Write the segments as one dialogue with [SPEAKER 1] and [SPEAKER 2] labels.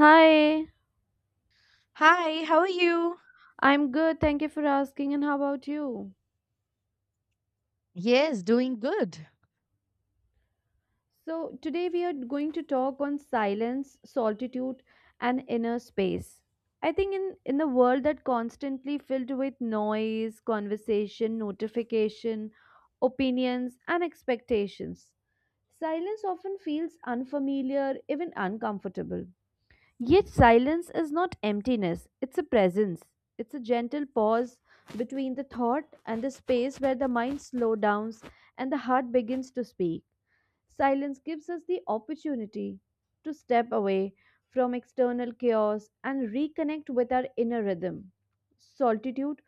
[SPEAKER 1] Hi,
[SPEAKER 2] Hi, how are you?
[SPEAKER 1] I'm good. Thank you for asking. And how about you?
[SPEAKER 2] Yes, doing good.
[SPEAKER 1] So, today we are going to talk on silence, solitude, and inner space. I think in a world that constantly filled with noise, conversation, notification, opinions, and expectations, silence often feels unfamiliar, even uncomfortable. Yet silence is not emptiness, it's a presence. It's a gentle pause between the thought and the space where the mind slows down and the heart begins to speak. Silence gives us the opportunity to step away from external chaos and reconnect with our inner rhythm. Solitude,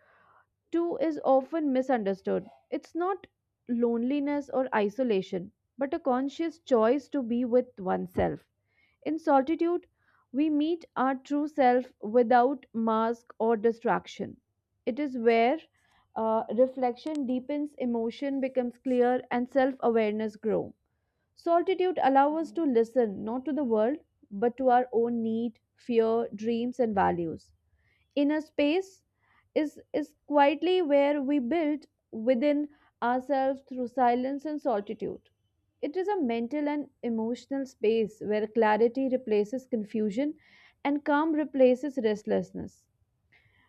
[SPEAKER 1] too, is often misunderstood. It's not loneliness or isolation, but a conscious choice to be with oneself. In solitude, we meet our true self without mask or distraction. It is where reflection deepens, emotion becomes clear, and self awareness grow. Solitude allows us to listen not to the world but to our own need, fear, dreams, and values. Inner space is quietly where we build within ourselves through silence and solitude. It is a mental and emotional space where clarity replaces confusion and calm replaces restlessness.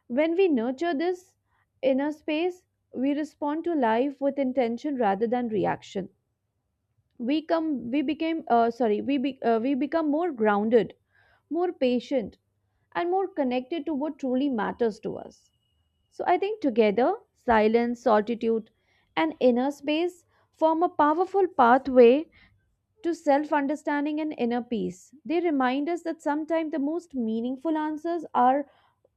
[SPEAKER 1] When we nurture this inner space, we respond to life with intention rather than reaction. We became, sorry, we be, we become more grounded, more patient, and more connected to what truly matters to us. So I think together, silence, solitude, and inner space form a powerful pathway to self understanding and inner peace. They remind us that sometimes the most meaningful answers are,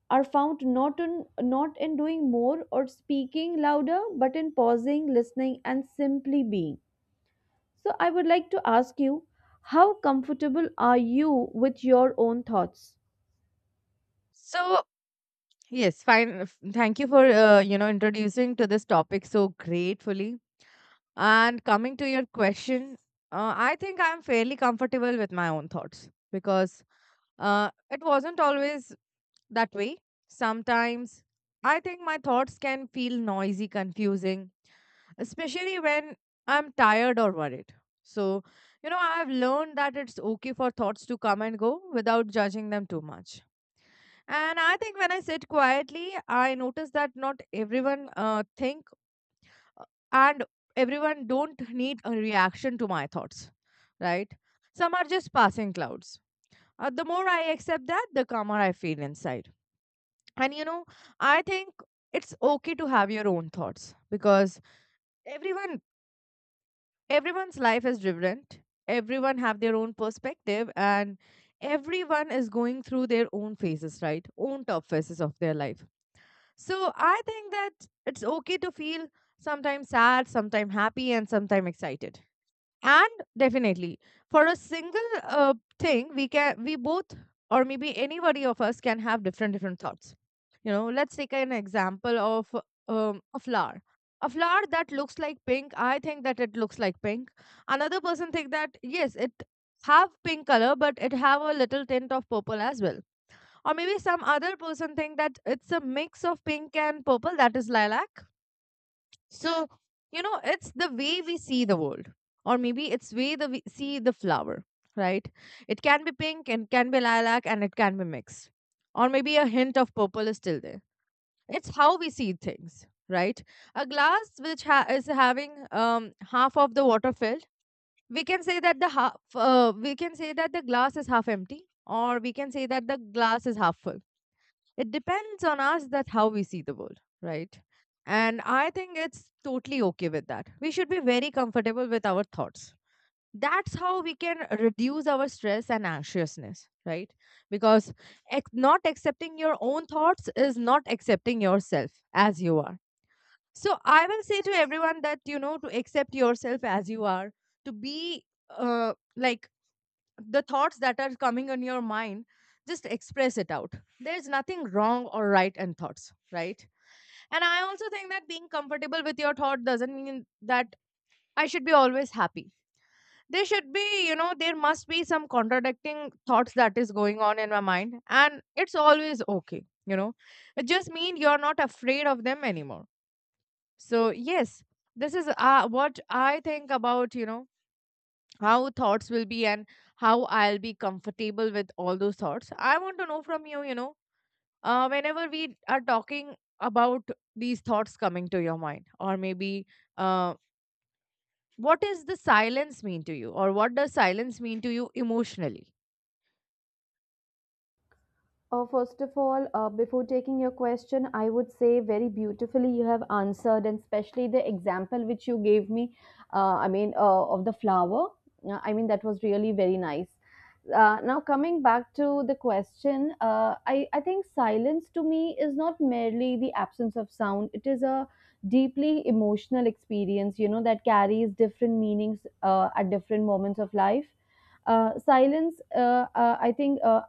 [SPEAKER 1] are found not in doing more or speaking louder, but in pausing, listening, and simply being. So I would like to ask you, how comfortable are you with your own thoughts?
[SPEAKER 2] So, yes, fine. Thank you for introducing to this topic so gratefully. And coming to your question, I think I'm fairly comfortable with my own thoughts because it wasn't always that way. Sometimes I think my thoughts can feel noisy, confusing, especially when I'm tired or worried. So, I've learned that it's okay for thoughts to come and go without judging them too much. And I think when I sit quietly, I notice that not everyone think uh, and everyone don't need a reaction to my thoughts, right? Some are just passing clouds. The more I accept that, the calmer I feel inside. And I think it's okay to have your own thoughts because everyone everyone's life is different. Everyone have their own perspective, and everyone is going through their own phases, right? Own top phases of their life. So I think that it's okay to feel sometimes sad, sometimes happy, and sometimes excited. And definitely for a single thing, we can, we both or maybe anybody of us can have different different thoughts. Let's take an example of a flower. A flower that looks like pink, I think that it looks like pink. Another person think that yes, it have pink color, but it have a little tint of purple as well. Or maybe some other person think that it's a mix of pink and purple, that is lilac. So, it's the way we see the world, or maybe it's way the we see the flower, right? It can be pink and can be lilac and it can be mixed, or maybe a hint of purple is still there. It's how we see things, right? A glass which is having half of the water filled, we can say that the glass is half empty, or we can say that the glass is half full. It depends on us that how we see the world, right? And I think it's totally okay with that. We should be very comfortable with our thoughts. That's how we can reduce our stress and anxiousness, right? Because not accepting your own thoughts is not accepting yourself as you are. So I will say to everyone that to accept yourself as you are, to be like, the thoughts that are coming in your mind, just express it out. There's nothing wrong or right in thoughts, right? And I also think that being comfortable with your thought doesn't mean that I should be always happy. There should be you know there must be some contradicting thoughts that is going on in my mind, and it's always okay. It just means you're not afraid of them anymore. So yes, this is what I think about, how thoughts will be and how I'll be comfortable with all those thoughts. I want to know from you, whenever we are talking about these thoughts coming to your mind, or maybe uh, what does the silence mean to you, or what does silence mean to you emotionally?
[SPEAKER 1] First of all, before taking your question, I would say very beautifully you have answered, and especially the example which you gave me, of the flower. That was really very nice. Now, coming back to the question, I think silence to me is not merely the absence of sound, it is a deeply emotional experience, that carries different meanings at different moments of life. Silence, I think.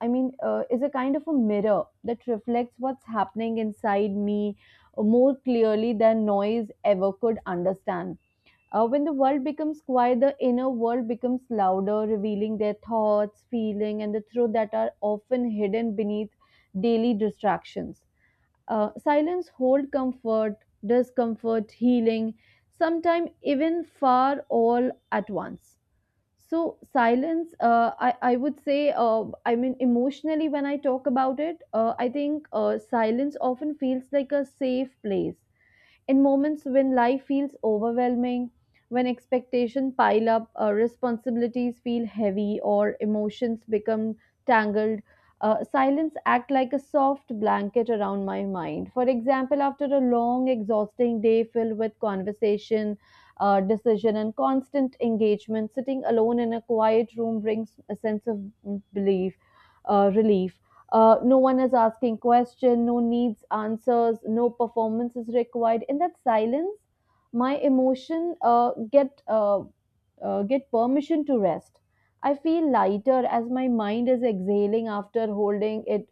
[SPEAKER 1] I mean, is a kind of a mirror that reflects what's happening inside me more clearly than noise ever could understand. When the world becomes quiet, the inner world becomes louder, revealing their thoughts, feeling, and the truth that are often hidden beneath daily distractions. Silence hold comfort, discomfort, healing, sometimes even far, all at once. So silence, I would say, emotionally, when I talk about it, I think silence often feels like a safe place in moments when life feels overwhelming, when expectations pile up, responsibilities feel heavy, or emotions become tangled, silence act like a soft blanket around my mind. For example, after a long, exhausting day filled with conversation, decision, and constant engagement, sitting alone in a quiet room brings a sense of mm, belief, relief. No one is asking question, no needs answers, no performance is required. In that silence, my emotion get permission to rest. I feel lighter, as my mind is exhaling after holding it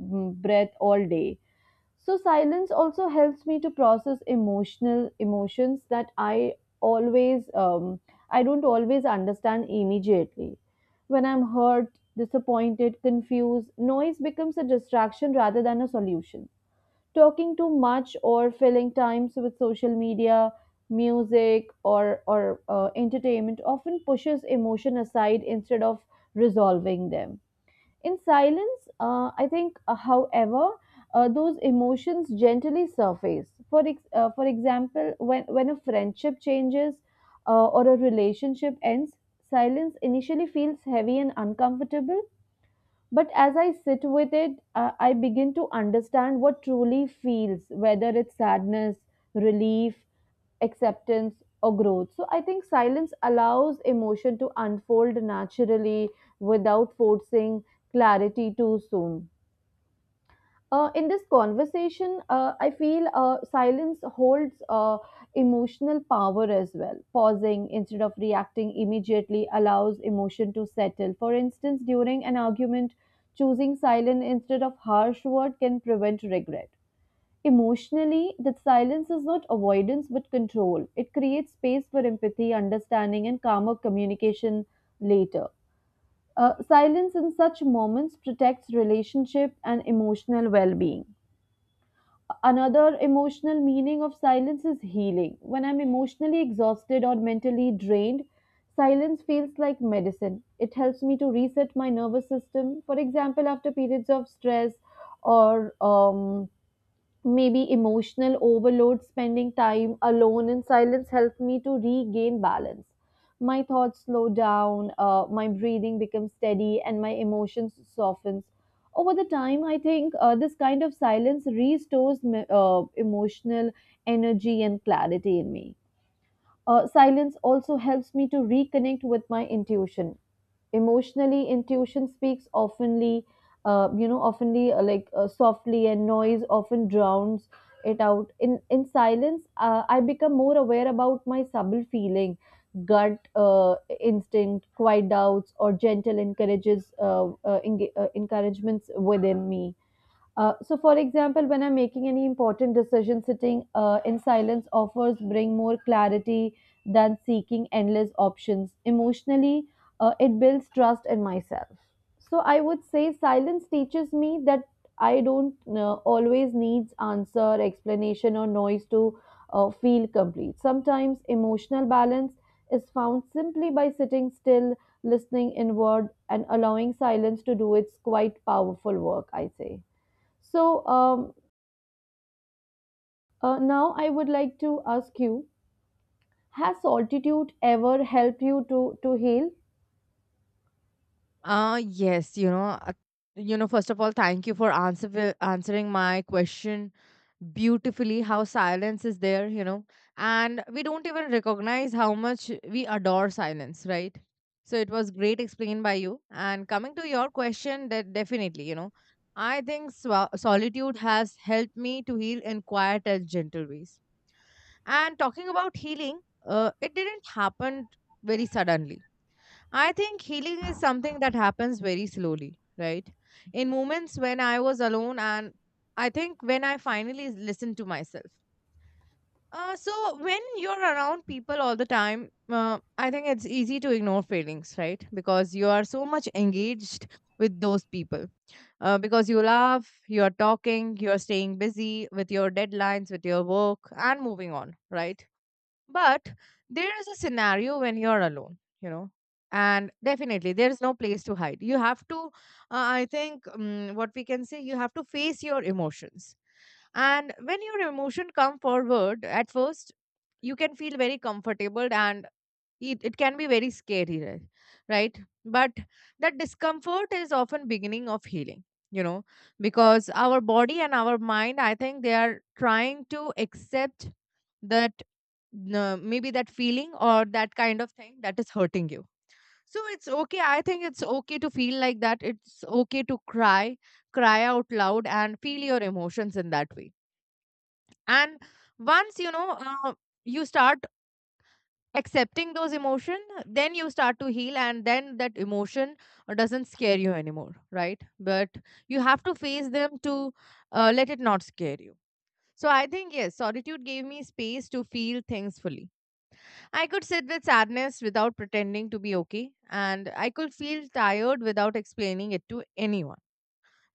[SPEAKER 1] breath all day. So silence also helps me to process emotional emotions that always um, I don't always understand immediately. When I'm hurt, disappointed, confused, noise becomes a distraction rather than a solution. Talking too much or filling times with social media, music, or entertainment often pushes emotion aside instead of resolving them. In silence, however, those emotions gently surface. For example, when a friendship changes or a relationship ends, silence initially feels heavy and uncomfortable. But as I sit with it, I begin to understand what truly feels, whether it's sadness, relief, acceptance, or growth. So I think silence allows emotion to unfold naturally without forcing clarity too soon. In this conversation, I feel silence holds emotional power as well. Pausing instead of reacting immediately allows emotion to settle. For instance, during an argument, choosing silence instead of harsh word can prevent regret. Emotionally, that silence is not avoidance but control. It creates space for empathy, understanding, and calmer communication later. Silence in such moments protects relationship and emotional well being. Another emotional meaning of silence is healing. When I'm emotionally exhausted or mentally drained, silence feels like medicine. It helps me to reset my nervous system. For example, after periods of stress or maybe emotional overload, spending time alone in silence helped me to regain balance. My thoughts slow down, my breathing becomes steady, and my emotions softens. Over the time, I think this kind of silence restores emotional energy and clarity in me. Silence also helps me to reconnect with my intuition. Emotionally, intuition speaks oftenly, softly, and noise often drowns it out. In silence, I become more aware about my subtle feeling, gut instinct, quiet doubts, or gentle encouragements within me. So, for example, when I'm making any important decision, sitting in silence offers bring more clarity than seeking endless options. Emotionally, it builds trust in myself. So, I would say silence teaches me that I don't always needs answer, explanation, or noise to feel complete. Sometimes emotional balance is found simply by sitting still, listening inward, and allowing silence to do its quite powerful work, I say. So now I would like to ask you: has solitude ever helped you to heal?
[SPEAKER 2] Yes, first of all, thank you for answering my question beautifully, how silence is there, and we don't even recognize how much we adore silence, right? So it was great explained by you. And coming to your question, that definitely, I think swa solitude has helped me to heal in quiet and gentle ways. And talking about healing, it didn't happen very suddenly. I think healing is something that happens very slowly, right? In moments when I was alone, and I think when I finally listened to myself. So, when you're around people all the time, I think it's easy to ignore feelings, right? Because you are so much engaged with those people. Because you laugh, you're talking, you're staying busy with your deadlines, with your work, and moving on, right? But there is a scenario when you're alone, and definitely there is no place to hide. You have to, I think, what we can say, you have to face your emotions. And when your emotion come forward, at first you can feel very comfortable, and it can be very scary, right? Right? But that discomfort is often beginning of healing, you know because our body and our mind, I think, they are trying to accept that maybe that feeling or that kind of thing that is hurting you. So it's okay. I think it's okay to feel like that. It's okay to cry out loud and feel your emotions in that way. And once you start accepting those emotion, then you start to heal, and then that emotion doesn't scare you anymore, right? But you have to face them to let it not scare you. So I think yes, solitude gave me space to feel things fully. I could sit with sadness without pretending to be okay, and I could feel tired without explaining it to anyone,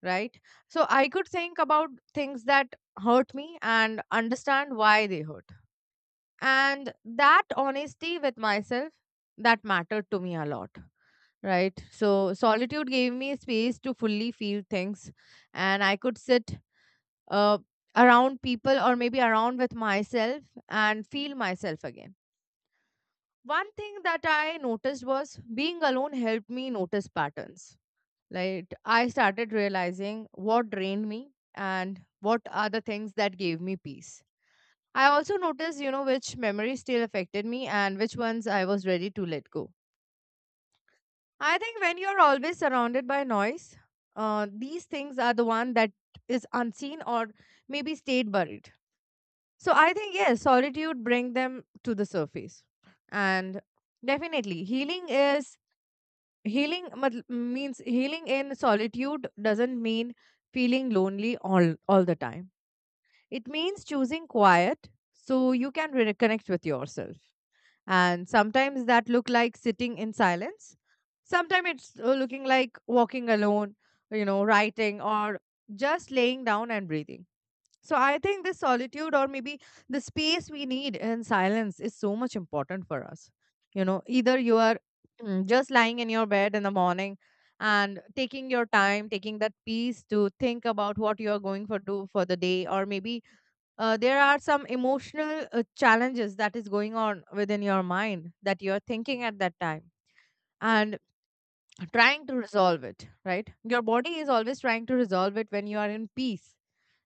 [SPEAKER 2] right? So I could think about things that hurt me and understand why they hurt, and that honesty with myself, that mattered to me a lot, right? So solitude gave me space to fully feel things, and I could sit uh, around people or maybe around with myself and feel myself again. One thing that I noticed was being alone helped me notice patterns. Like, I started realizing what drained me and what are the things that gave me peace. I also noticed, which memories still affected me and which ones I was ready to let go. I think when you're always surrounded by noise, these things are the one that is unseen or maybe stayed buried. So I think yes, solitude bring them to the surface, and definitely, healing is healing means healing in solitude doesn't mean feeling lonely all the time. It means choosing quiet so you can reconnect with yourself, and sometimes that look like sitting in silence, sometimes it's looking like walking alone, writing or just laying down and breathing. So I think this solitude or maybe the space we need in silence is so much important for us, either you are just lying in your bed in the morning and taking your time, taking that peace to think about what you are going for do for the day, or maybe there are some emotional challenges that is going on within your mind that you're thinking at that time, and trying to resolve it, right? Your body is always trying to resolve it when you are in peace,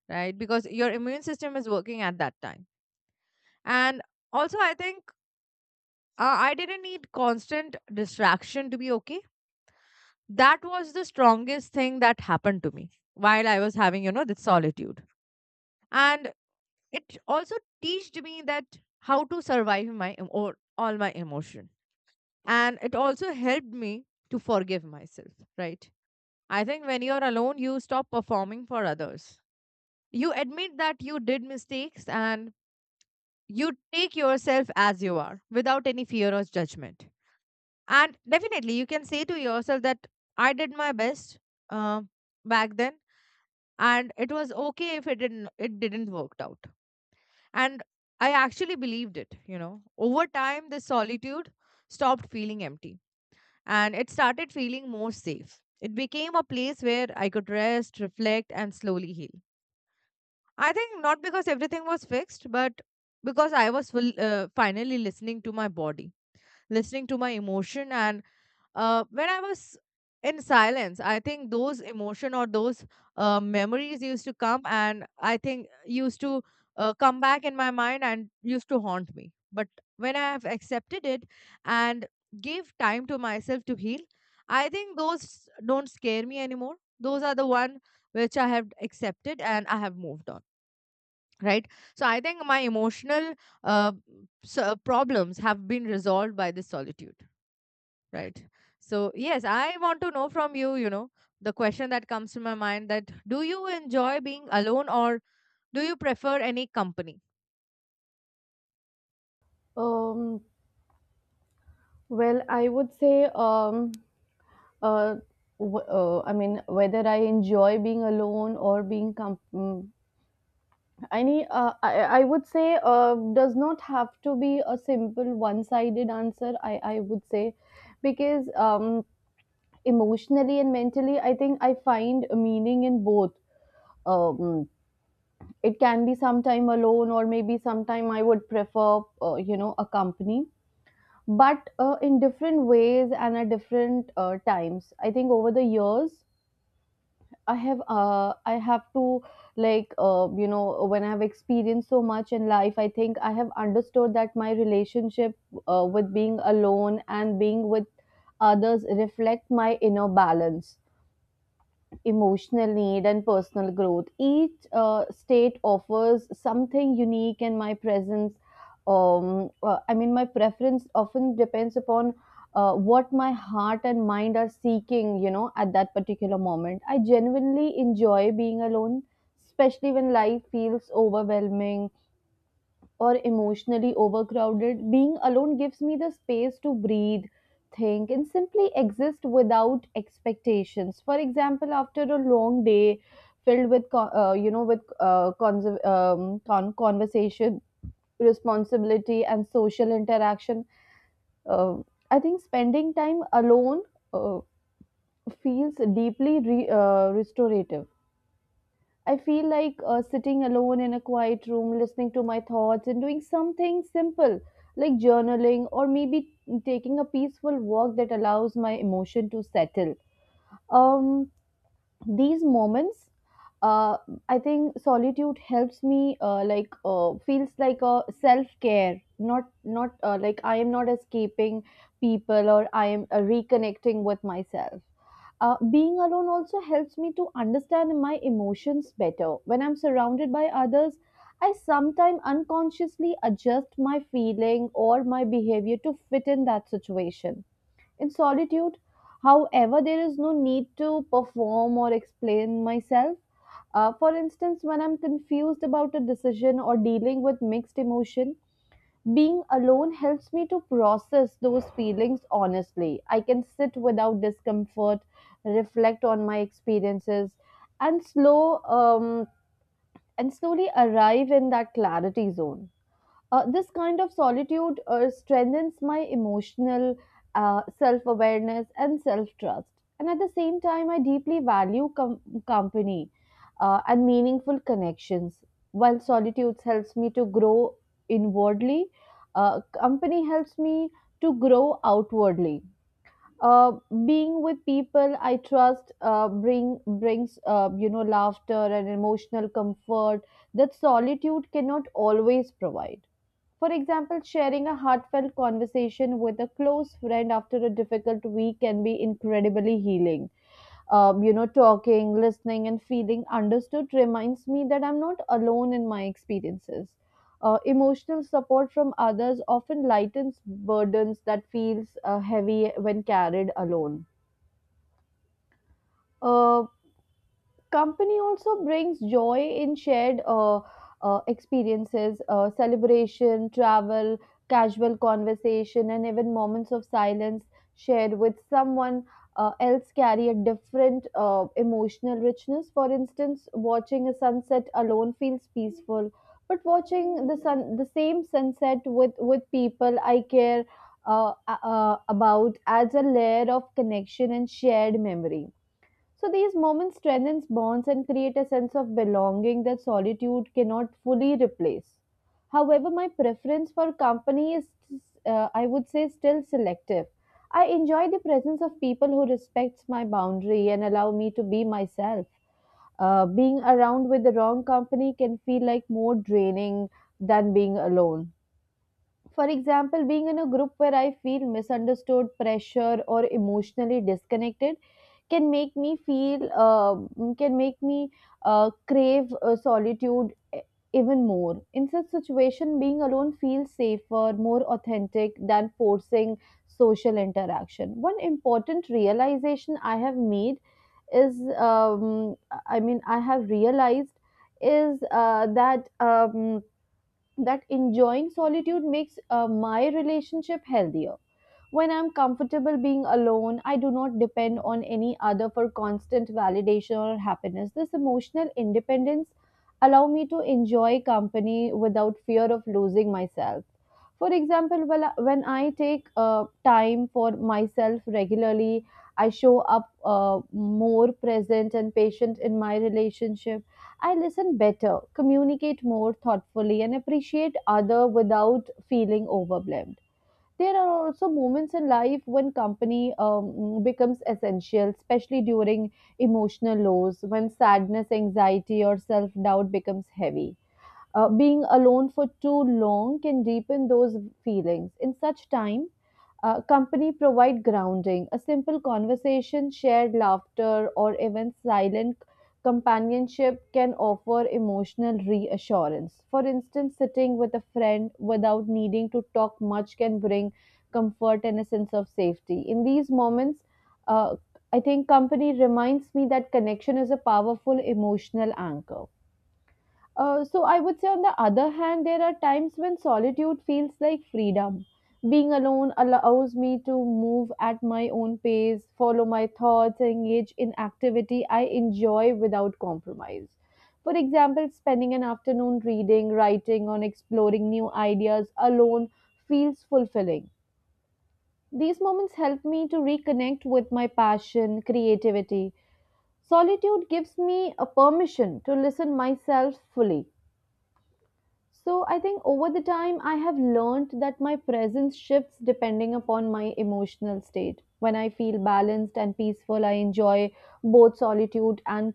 [SPEAKER 2] right? Because your immune system is working at that time. And also I think I didn't need constant distraction to be okay. That was the strongest thing that happened to me while I was having, this solitude. And it also taught me that how to survive my em- or all my emotion. And it also helped me to forgive myself, right? I think when you're alone, you stop performing for others. You admit that you did mistakes, and you take yourself as you are without any fear or judgment. And definitely you can say to yourself that I did my best, uh, back then, and it was okay if it didn't worked out. And I actually believed it. Over time, the solitude stopped feeling empty, and it started feeling more safe. It became a place where I could rest, reflect, and slowly heal. I think not because everything was fixed, but because I was finally listening to my body, listening to my emotion, and when I was in silence, I think those emotion or those memories used to come, and I think used to come back in my mind and used to haunt me. But when I have accepted it and gave time to myself to heal, I think those don't scare me anymore. Those are the one which I have accepted and I have moved on. Right. So I think my emotional uh, problems have been resolved by this solitude. Right. So, yes, I want to know from you, the question that comes to my mind that do you enjoy being alone or do you prefer any company?
[SPEAKER 1] Um, well, I would say, uh, whether I enjoy being alone or being any, uh, I, I would say, does not have to be a simple one-sided answer. I would say, because emotionally and mentally, I think I find meaning in both. Um, it can be sometime alone, or maybe sometime I would prefer a company, but in different ways and at different times. I think over the years, I have to, like, when I have experienced so much in life, I think I have understood that my relationship with being alone and being with others reflect my inner balance, emotional need, and personal growth. Each state offers something unique, and my presence, I mean, my preference often depends upon what my heart and mind are seeking, at that particular moment. I genuinely enjoy being alone, especially when life feels overwhelming or emotionally overcrowded. Being alone gives me the space to breathe, think, and simply exist without expectations. For example, after a long day filled with conversation, responsibility, and social interaction, uh, I think spending time alone uh, feels deeply restorative. I feel like sitting alone in a quiet room, listening to my thoughts, and doing something simple like journaling, or maybe taking a peaceful walk, that allows my emotion to settle. Um, these moments, uh, I think solitude helps me, feels like a self care. Not not uh, like I am not escaping people, or I am reconnecting with myself. Being alone also helps me to understand my emotions better. When I'm surrounded by others, I sometimes unconsciously adjust my feeling or my behavior to fit in that situation. In solitude, however, there is no need to perform or explain myself. For instance, when I'm confused about a decision or dealing with mixed emotion, being alone helps me to process those feelings honestly. I can sit without discomfort, reflect on my experiences, and slowly arrive in that clarity zone. This kind of solitude strengthens my emotional self awareness and self trust. And at the same time, I deeply value company and meaningful connections. While solitude helps me to grow inwardly, company helps me to grow outwardly. Uh, Being with people I trust brings laughter and emotional comfort that solitude cannot always provide. For example, sharing a heartfelt conversation with a close friend after a difficult week can be incredibly healing. Talking, listening, and feeling understood reminds me that I'm not alone in my experiences. Emotional support from others often lightens burdens that feels heavy when carried alone. Uh, Company also brings joy in shared experiences, celebration, travel, casual conversation, and even moments of silence shared with someone else carry a different emotional richness. For instance, watching a sunset alone feels peaceful, but watching the sun, the same sunset with people I care about adds a layer of connection and shared memory, so these moments strengthens bonds and create a sense of belonging that solitude cannot fully replace. However, my preference for company is, I would say, still selective. I enjoy the presence of people who respects my boundary and allow me to be myself. Being around with the wrong company can feel like more draining than being alone. For example, being in a group where I feel misunderstood, pressure, or emotionally disconnected can make me feel uh, can make me crave even more. In such situation, being alone feels safer, more authentic than forcing social interaction. One important realization I have made is um, I have realized, is that enjoying solitude makes my relationship healthier. When I'm comfortable being alone, I do not depend on any other for constant validation or happiness. This emotional independence allows me to enjoy company without fear of losing myself. For example, when I take time for myself regularly, I show up more present and patient in my relationship. I listen better, communicate more thoughtfully, and appreciate other without feeling overwhelmed. There are also moments in life when company becomes essential, especially during emotional lows, when sadness, anxiety, or self doubt becomes heavy. Being alone for too long can deepen those feelings. In such time, company provide grounding. A simple conversation, shared laughter, or even silent companionship can offer emotional reassurance. For instance, sitting with a friend without needing to talk much can bring comfort and a sense of safety. In these moments, uh, I think company reminds me that connection is a powerful emotional anchor. So I would say, on the other hand, there are times when solitude feels like freedom. Being alone allows me to move at my own pace, follow my thoughts, and engage in activity I enjoy without compromise. For example, spending an afternoon reading, writing, or exploring new ideas alone feels fulfilling. These moments help me to reconnect with my passion, creativity. Solitude gives me a permission to listen myself fully. So I think over the time, I have learned that my presence shifts depending upon my emotional state. When I feel balanced and peaceful, I enjoy both solitude and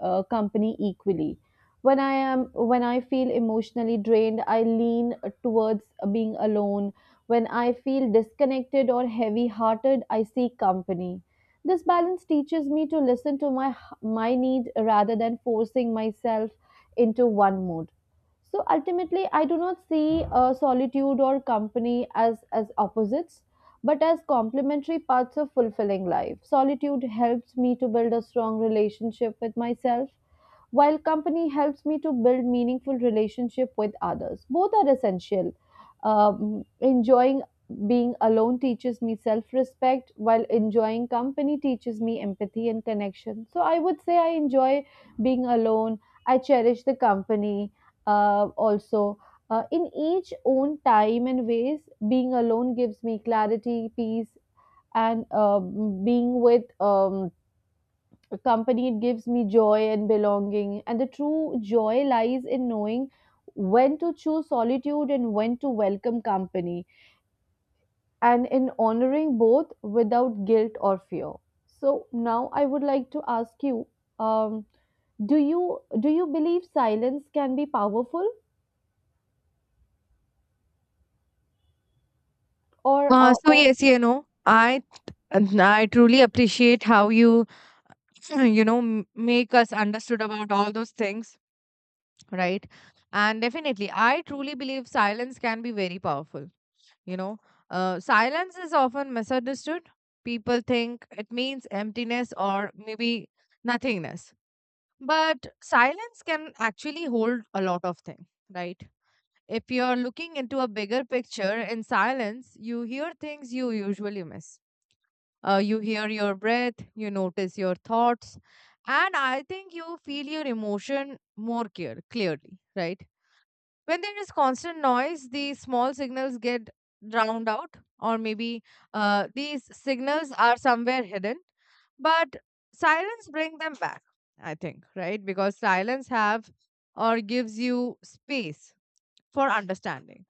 [SPEAKER 1] company equally. When I am when I feel emotionally drained, I lean towards being alone. When I feel disconnected or heavy-hearted, I seek company. This balance teaches me to listen to my my need rather than forcing myself into one mood. So ultimately, I do not see solitude or company as opposites, but as complementary parts of fulfilling life. Solitude helps me to build a strong relationship with myself, while company helps me to build meaningful relationship with others. Both are essential. Enjoying being alone teaches me self-respect, while enjoying company teaches me empathy and connection. So I would say I enjoy being alone. I cherish the company also, in each own time and ways. Being alone gives me clarity, peace, and being with company, it gives me joy and belonging, and the true joy lies in knowing when to choose solitude and when to welcome company, and in honoring both without guilt or fear. So now I would like to ask you, um, do you believe silence can be powerful or
[SPEAKER 2] So yes, I truly appreciate how you, make us understood about all those things, right? And definitely, I truly believe silence can be very powerful. You know, Silence is often misunderstood. People think it means emptiness or maybe nothingness. But silence can actually hold a lot of things, right? If you're looking into a bigger picture in silence, you hear things you usually miss. You hear your breath, you notice your thoughts, and I think you feel your emotion clearly, right? When there is constant noise, the small signals get drowned out, or maybe these signals are somewhere hidden. But silence bring them back, I think, right? Because silence have or gives you space for understanding.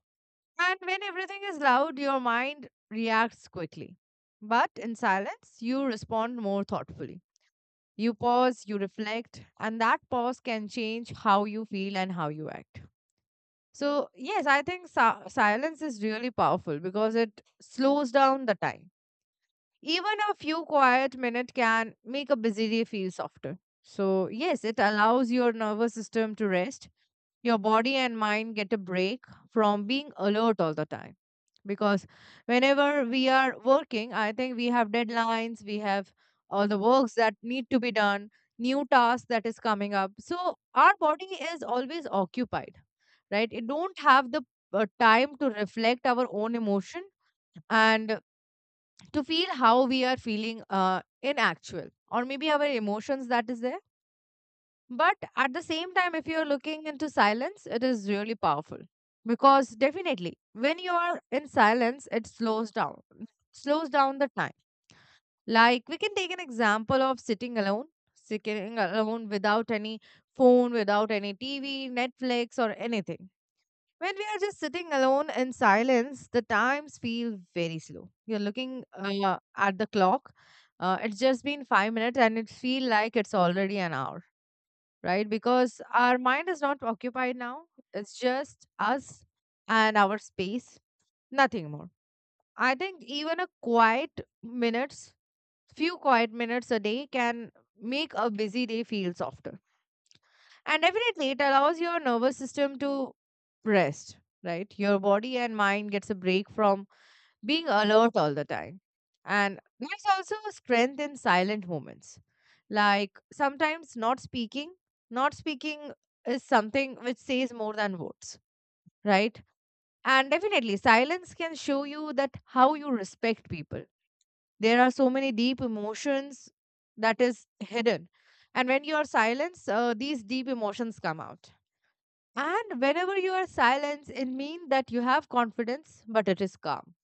[SPEAKER 2] And when everything is loud, your mind reacts quickly. But in silence, you respond more thoughtfully. You pause, you reflect, and that pause can change how you feel and how you act. So, yes, I think silence is really powerful because it slows down the time. Even a few quiet minutes can make a busy day feel softer. So, yes, it allows your nervous system to rest, your body and mind get a break from being alert all the time, because whenever we are working, I think we have deadlines, we have all the works that need to be done, new tasks that is coming up, so our body is always occupied, right? It don't have the time to reflect our own emotion and to feel how we are feeling, in actual, or maybe our emotions that is there. But at the same time, if you're looking into silence, it is really powerful because definitely when you are in silence, it slows down the time. Like, we can take an example of sitting alone without any phone, without any TV, Netflix, or anything. When we are just sitting alone in silence, the times feel very slow. You're looking at the clock. It's just been 5 minutes and it feel like it's already an hour, right? Because our mind is not occupied now. It's just us and our space, nothing more. I think even a quiet minutes, few quiet minutes a day can make a busy day feel softer. And definitely it allows your nervous system to rest, right? Your body and mind gets a break from being alert all the time. And there's also a strength in silent moments. Like sometimes not speaking is something which says more than words, right? And definitely, silence can show you that how you respect people. There are so many deep emotions that is hidden. And when you are silenced, these deep emotions come out. And whenever you are silenced, it means that you have confidence, but it is calm,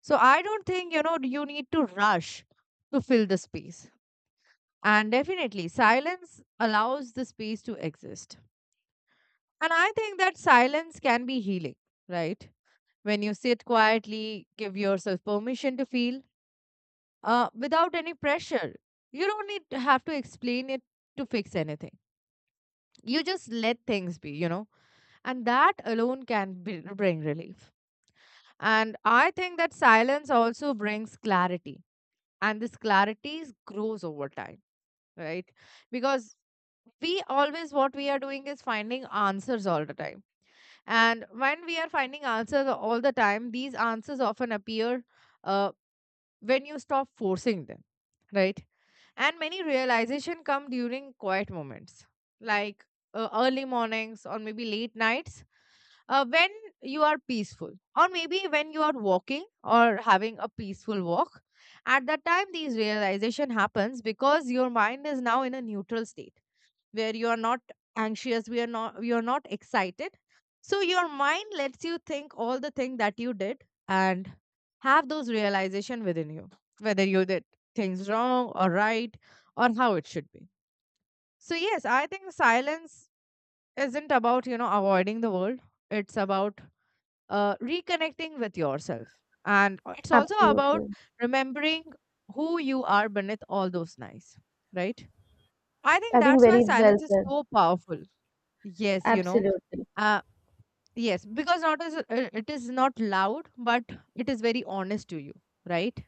[SPEAKER 2] so I don't think, you know, you need to rush to fill the space. And definitely, silence allows the space to exist. And I think that silence can be healing, right? When you sit quietly, give yourself permission to feel without any pressure. You don't need to have to explain it, to fix anything. You just let things be, you know, and that alone can bring relief. And I think that silence also brings clarity, and this clarity grows over time, right? Because we always what we are doing is finding answers all the time, and when we are finding answers all the time, these answers often appear uh, when you stop forcing them, right? And many realization come during quiet moments, like early mornings, or maybe late nights, when you are peaceful, or maybe when you are walking or having a peaceful walk. At that time these realization happens because your mind is now in a neutral state, where you are not anxious, we are not you are not excited, so your mind lets you think all the thing that you did, and have those realization within you, whether you did things wrong or right, or how it should be. So, yes, I think silence isn't about, you know, avoiding the world. It's about reconnecting with yourself, and it's also about
[SPEAKER 1] Absolutely.
[SPEAKER 2] remembering who you are beneath all those nice, right? I
[SPEAKER 1] I
[SPEAKER 2] think
[SPEAKER 1] think
[SPEAKER 2] that's why
[SPEAKER 1] very well
[SPEAKER 2] silence is
[SPEAKER 1] said.
[SPEAKER 2] so powerful. Yes, you know,
[SPEAKER 1] Absolutely.
[SPEAKER 2] uh, yes, because not as it is not loud, but it is very honest to you, right?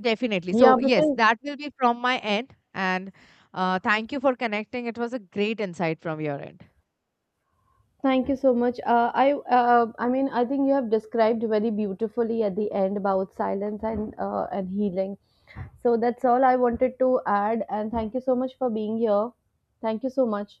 [SPEAKER 2] Definitely.
[SPEAKER 1] Yeah,
[SPEAKER 2] So, yes,
[SPEAKER 1] because
[SPEAKER 2] that will be from my end. And thank you for connecting. It was a great insight from your end.
[SPEAKER 1] thank you so much. I I think you have described very beautifully at the end about silence and healing. So that's all I wanted to add. And thank you so much for being here. Thank you so much.